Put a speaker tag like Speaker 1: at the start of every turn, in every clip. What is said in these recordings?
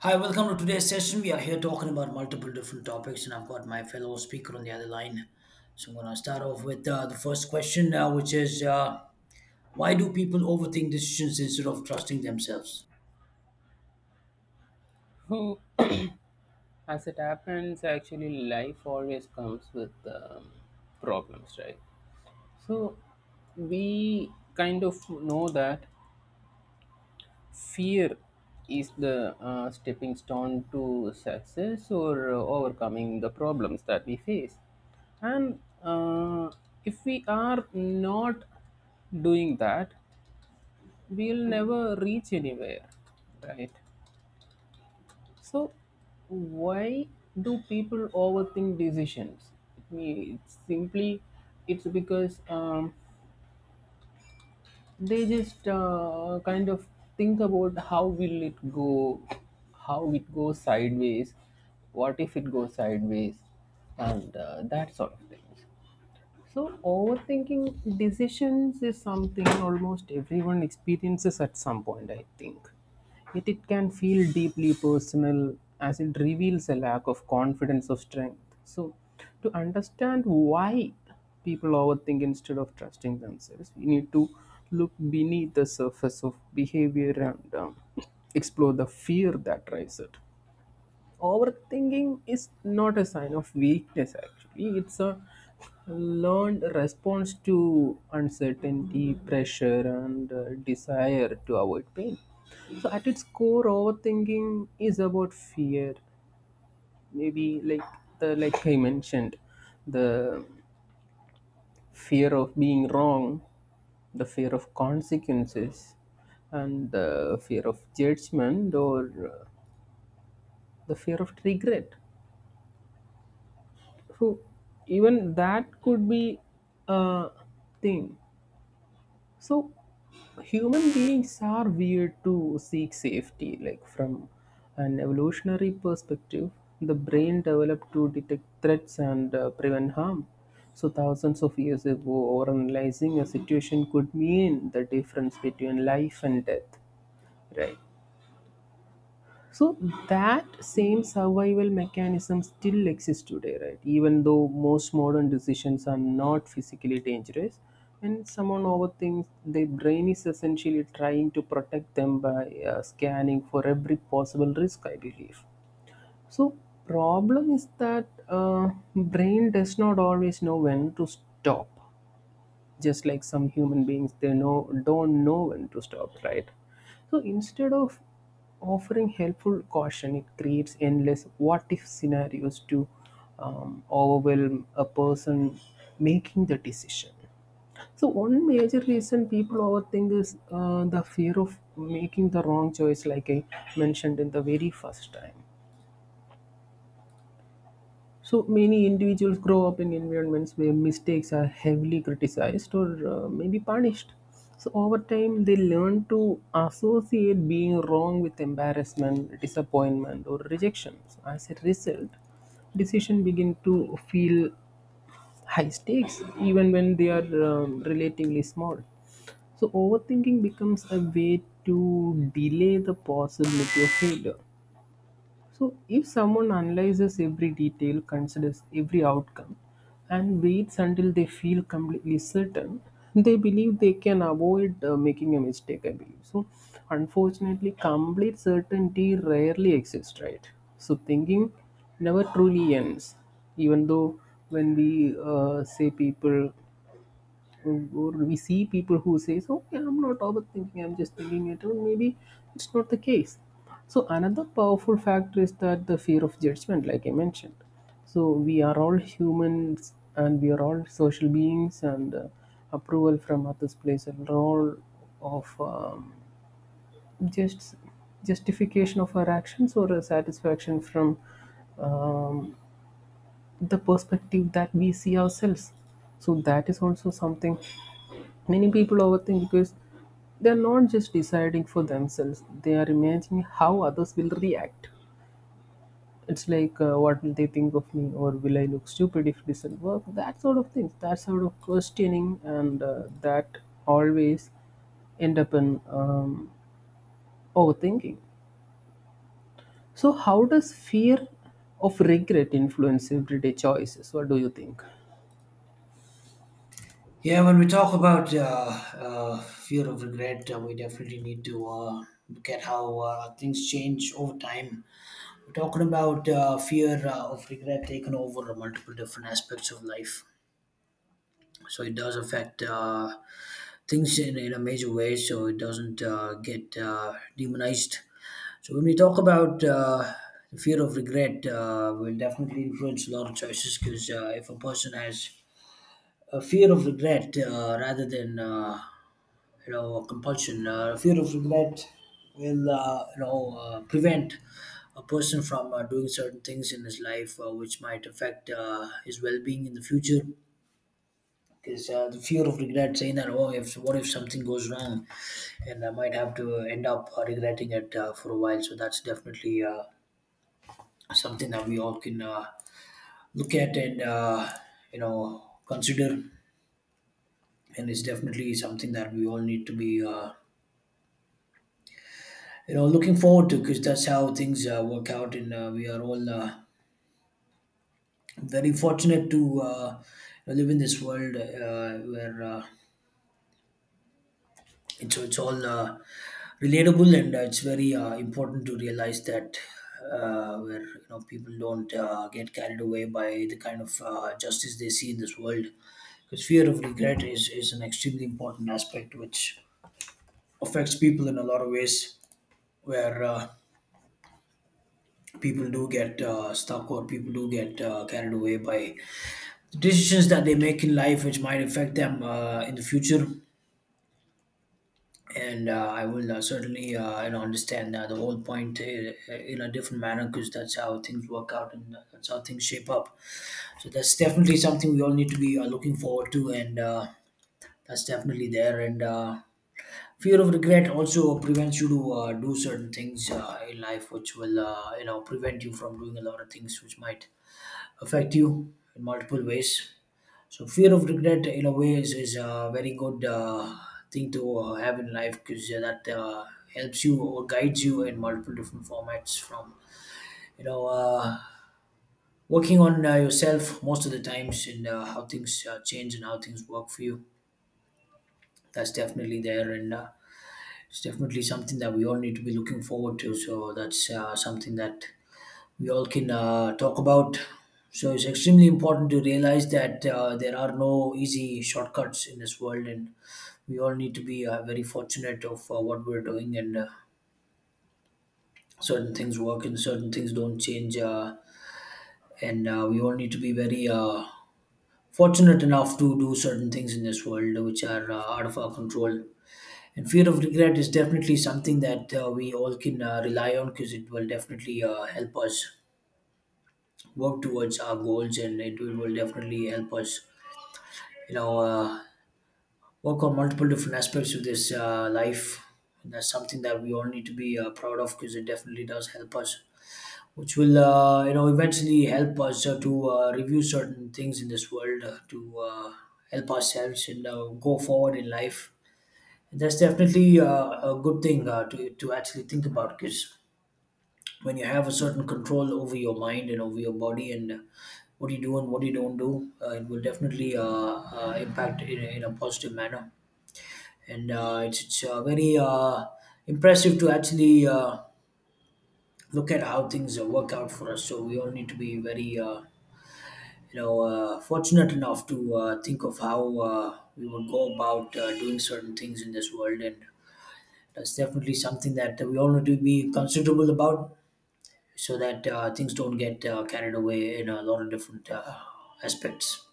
Speaker 1: Hi, welcome to today's session. We are here talking about multiple different topics, and I've got my fellow speaker on the other line. So I'm going to start off with the first question, which is why do people overthink decisions instead of trusting themselves?
Speaker 2: Who, as it happens, actually, life always comes with problems, right? So, we kind of know that fear is the stepping stone to success or overcoming the problems that we face. And if we are not doing that, we'll never reach anywhere, right? So, why do people overthink decisions? It's simply, it's because they just kind of think about how will it go, how it goes sideways, what if it goes sideways, and that sort of things. So, overthinking decisions is something almost everyone experiences at some point, I think. Yet it can feel deeply personal as it reveals a lack of confidence or strength. So, to understand why people overthink instead of trusting themselves, we need to look beneath the surface of behavior and explore the fear that drives it. Overthinking is not a sign of weakness, actually. It's a learned response to uncertainty, pressure, and desire to avoid pain. So at its core, overthinking is about fear. Maybe like the like I mentioned, the fear of being wrong, the fear of consequences, and the fear of judgment, or the fear of regret. So even that could be a thing. So human beings are weird to seek safety. Like from an evolutionary perspective, the brain developed to detect threats and prevent harm. So thousands of years ago, overanalyzing a situation could mean the difference between life and death, right? So that same survival mechanism still exists today, right? Even though most modern decisions are not physically dangerous, when someone overthinks, their brain is essentially trying to protect them by scanning for every possible risk, I believe. So problem is that brain does not always know when to stop. Just like some human beings, they know don't know when to stop, right? So instead of offering helpful caution, it creates endless what if scenarios to overwhelm a person making the decision. So one major reason people overthink is the fear of making the wrong choice, like I mentioned in the very first time. So many individuals grow up in environments where mistakes are heavily criticized or maybe punished. So over time, they learn to associate being wrong with embarrassment, disappointment, or rejection. So as a result, decisions begin to feel high stakes even when they are relatively small. So overthinking becomes a way to delay the possibility of failure. So, if someone analyzes every detail, considers every outcome, and waits until they feel completely certain, they believe they can avoid making a mistake, I believe. So, unfortunately, complete certainty rarely exists, right? So, thinking never truly ends, even though when we say people or we see people who says, okay, I'm not overthinking, I'm just thinking it, or maybe it's not the case. So another powerful factor is that the fear of judgment, like I mentioned. So we are all humans and we are all social beings, and approval from others plays a role of just justification of our actions or a satisfaction from um, the perspective that we see ourselves. So that is also something. Many people overthink because they're not just deciding for themselves, they are imagining how others will react. It's like, what will they think of me, or will I look stupid if it doesn't work? That sort of things, that sort of questioning, and that always end up in overthinking. So, how does fear of regret influence everyday choices? What do you think?
Speaker 1: Yeah, when we talk about fear of regret, we definitely need to look at how things change over time. We're talking about fear of regret taken over multiple different aspects of life, so it does affect things in a major way, so it doesn't get demonized. So when we talk about the fear of regret, will definitely influence a lot of choices, because if a person has a fear of regret, rather than you know, a compulsion, fear of regret will, you know, prevent a person from doing certain things in his life, which might affect his well-being in the future, because the fear of regret saying that, oh, if what if something goes wrong and I might have to end up regretting it for a while. So that's definitely something that we all can look at, and you know, consider, and it's definitely something that we all need to be, you know, looking forward to, because that's how things work out, and we are all very fortunate to live in this world where it's all relatable, and it's very important to realize that, where you know people don't get carried away by the kind of justice they see in this world, because fear of regret is an extremely important aspect which affects people in a lot of ways, where people do get stuck or people do get carried away by the decisions that they make in life, which might affect them in the future. And I will certainly, you know, understand the whole point in a different manner, because that's how things work out, and that's how things shape up. So that's definitely something we all need to be looking forward to, and that's definitely there. And fear of regret also prevents you to do certain things in life, which will, you know, prevent you from doing a lot of things which might affect you in multiple ways. So fear of regret, in a way, is a very good thing to have in life, because that helps you or guides you in multiple different formats. From, you know, working on yourself most of the times, and how things change and how things work for you. That's definitely there, and it's definitely something that we all need to be looking forward to. So that's something that we all can talk about. So it's extremely important to realize that there are no easy shortcuts in this world, and we all need to be very fortunate of what we're doing, and certain things work and certain things don't change, and we all need to be very fortunate enough to do certain things in this world which are out of our control, and fear of regret is definitely something that we all can rely on, because it will definitely help us work towards our goals, and it will definitely help us, you know, work on multiple different aspects of this life. And that's something that we all need to be proud of, because it definitely does help us, which will, you know, eventually help us to review certain things in this world to help ourselves and go forward in life. And that's definitely a good thing to actually think about, because when you have a certain control over your mind and over your body, and what you do and what you don't do, it will definitely impact in a positive manner, and it's very impressive to actually look at how things work out for us. So we all need to be very, you know, fortunate enough to think of how we would go about doing certain things in this world, and that's definitely something that we all need to be considerable about, so that things don't get carried away in a lot of different aspects.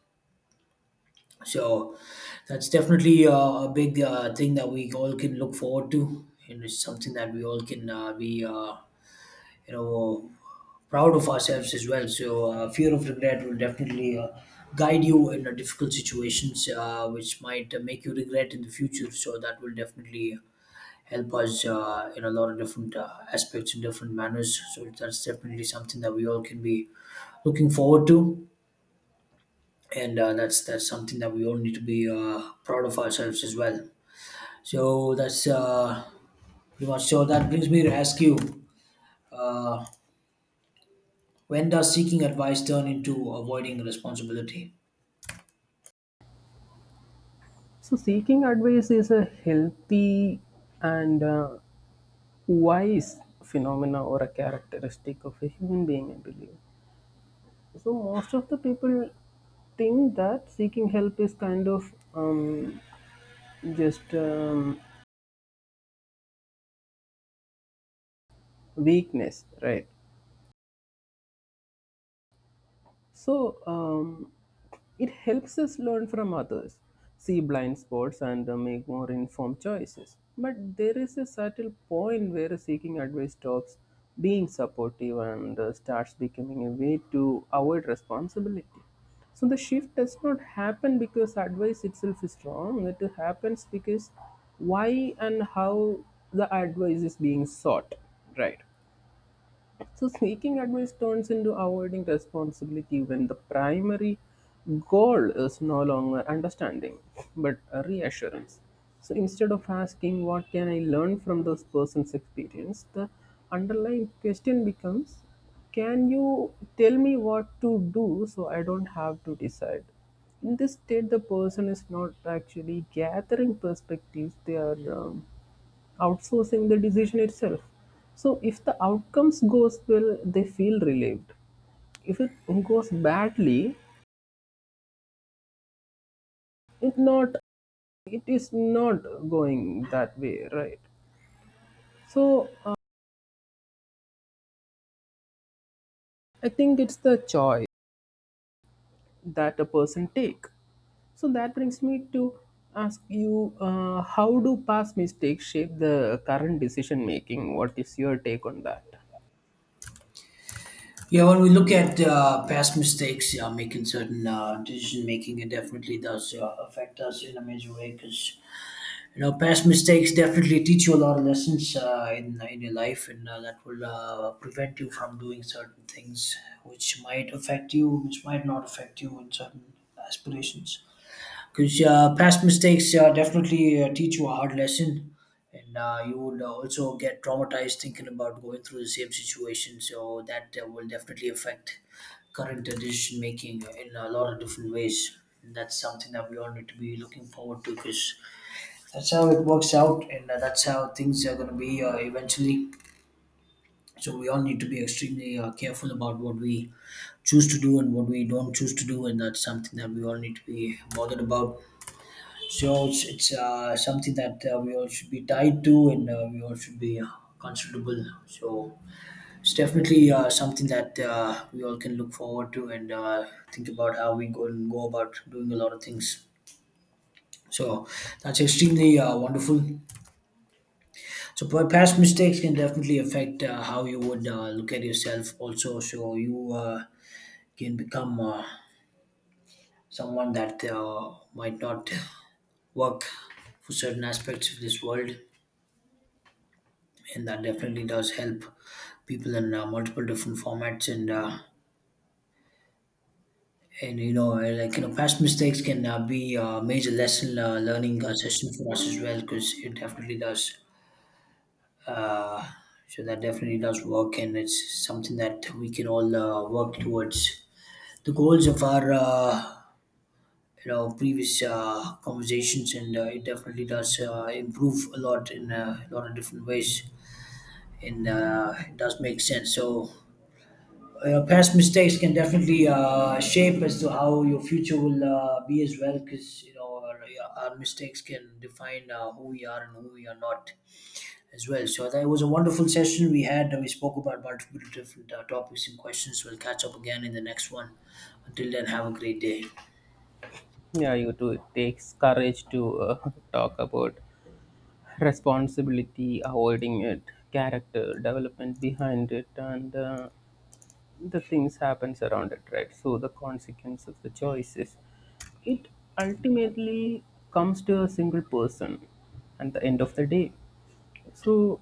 Speaker 1: So that's definitely a big thing that we all can look forward to, and it's something that we all can be, you know, proud of ourselves as well. So fear of regret will definitely guide you in difficult situations, which might make you regret in the future. So that will definitely help us in a lot of different aspects and different manners. So that's definitely something that we all can be looking forward to, and that's something that we all need to be proud of ourselves as well. So that's pretty much. So that brings me to ask you, uh, when does seeking advice turn into avoiding responsibility?
Speaker 2: So, seeking advice is a healthy and why is phenomena or a characteristic of a human being, I believe. So most of the people think that seeking help is kind of just weakness, right? So it helps us learn from others, see blind spots, and make more informed choices. But there is a subtle point where seeking advice stops being supportive and starts becoming a way to avoid responsibility. So the shift does not happen because advice itself is wrong. It happens because why and how the advice is being sought, right? So, seeking advice turns into avoiding responsibility when the primary goal is no longer understanding but a reassurance. So, instead of asking, "What can I learn from this person's experience?" the underlying question becomes, "Can you tell me what to do so I don't have to decide?" In this state, the person is not actually gathering perspectives, they are outsourcing the decision itself. So if the outcomes goes well, they feel relieved. If it goes badly, it not it is not going that way, right? So I think it's the choice that a person take. So that brings me to ask you, how do past mistakes shape the current decision making? What is your take on that?
Speaker 1: Yeah, when we look at past mistakes, making certain decision making, it definitely does affect us in a major way, because you know, past mistakes definitely teach you a lot of lessons in your life, and that will prevent you from doing certain things which might affect you, which might not affect you in certain aspirations. Because past mistakes definitely teach you a hard lesson, and you would also get traumatized thinking about going through the same situation. So that will definitely affect current decision making in a lot of different ways. And that's something that we all need to be looking forward to, because that's how it works out, and that's how things are going to be eventually. So we all need to be extremely careful about what we choose to do and what we don't choose to do, and that's something that we all need to be bothered about. So it's something that we all should be tied to, and we all should be comfortable. So it's definitely something that we all can look forward to, and think about how we go and go about doing a lot of things. So that's extremely wonderful. So past mistakes can definitely affect how you would look at yourself also. So you can become someone that might not work for certain aspects of this world, and that definitely does help people in multiple different formats. And and you know, like you know, past mistakes can be a major lesson learning session for us as well, because it definitely does. Uh, so that definitely does work, and it's something that we can all work towards the goals of our you know, previous conversations, and it definitely does improve a lot in a lot of different ways, and it does make sense. So. Past mistakes can definitely shape as to how your future will be as well, because you know our mistakes can define who we are and who we are not as well. So that was a wonderful session we had. We spoke about multiple different topics and questions. We'll catch up again in the next one. Until then, have a great day.
Speaker 2: Yeah, you too. It takes courage to talk about responsibility, avoiding it, character development behind it, and the things happens around it, right? So the consequence of the choices, it ultimately comes to a single person at the end of the day. So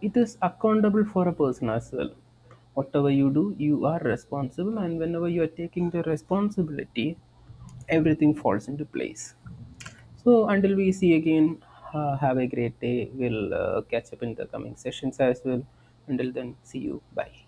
Speaker 2: it is accountable for a person as well. Whatever you do, you are responsible, and whenever you are taking the responsibility, everything falls into place. So until we see again, have a great day. We'll catch up in the coming sessions as well. Until then, see you. Bye.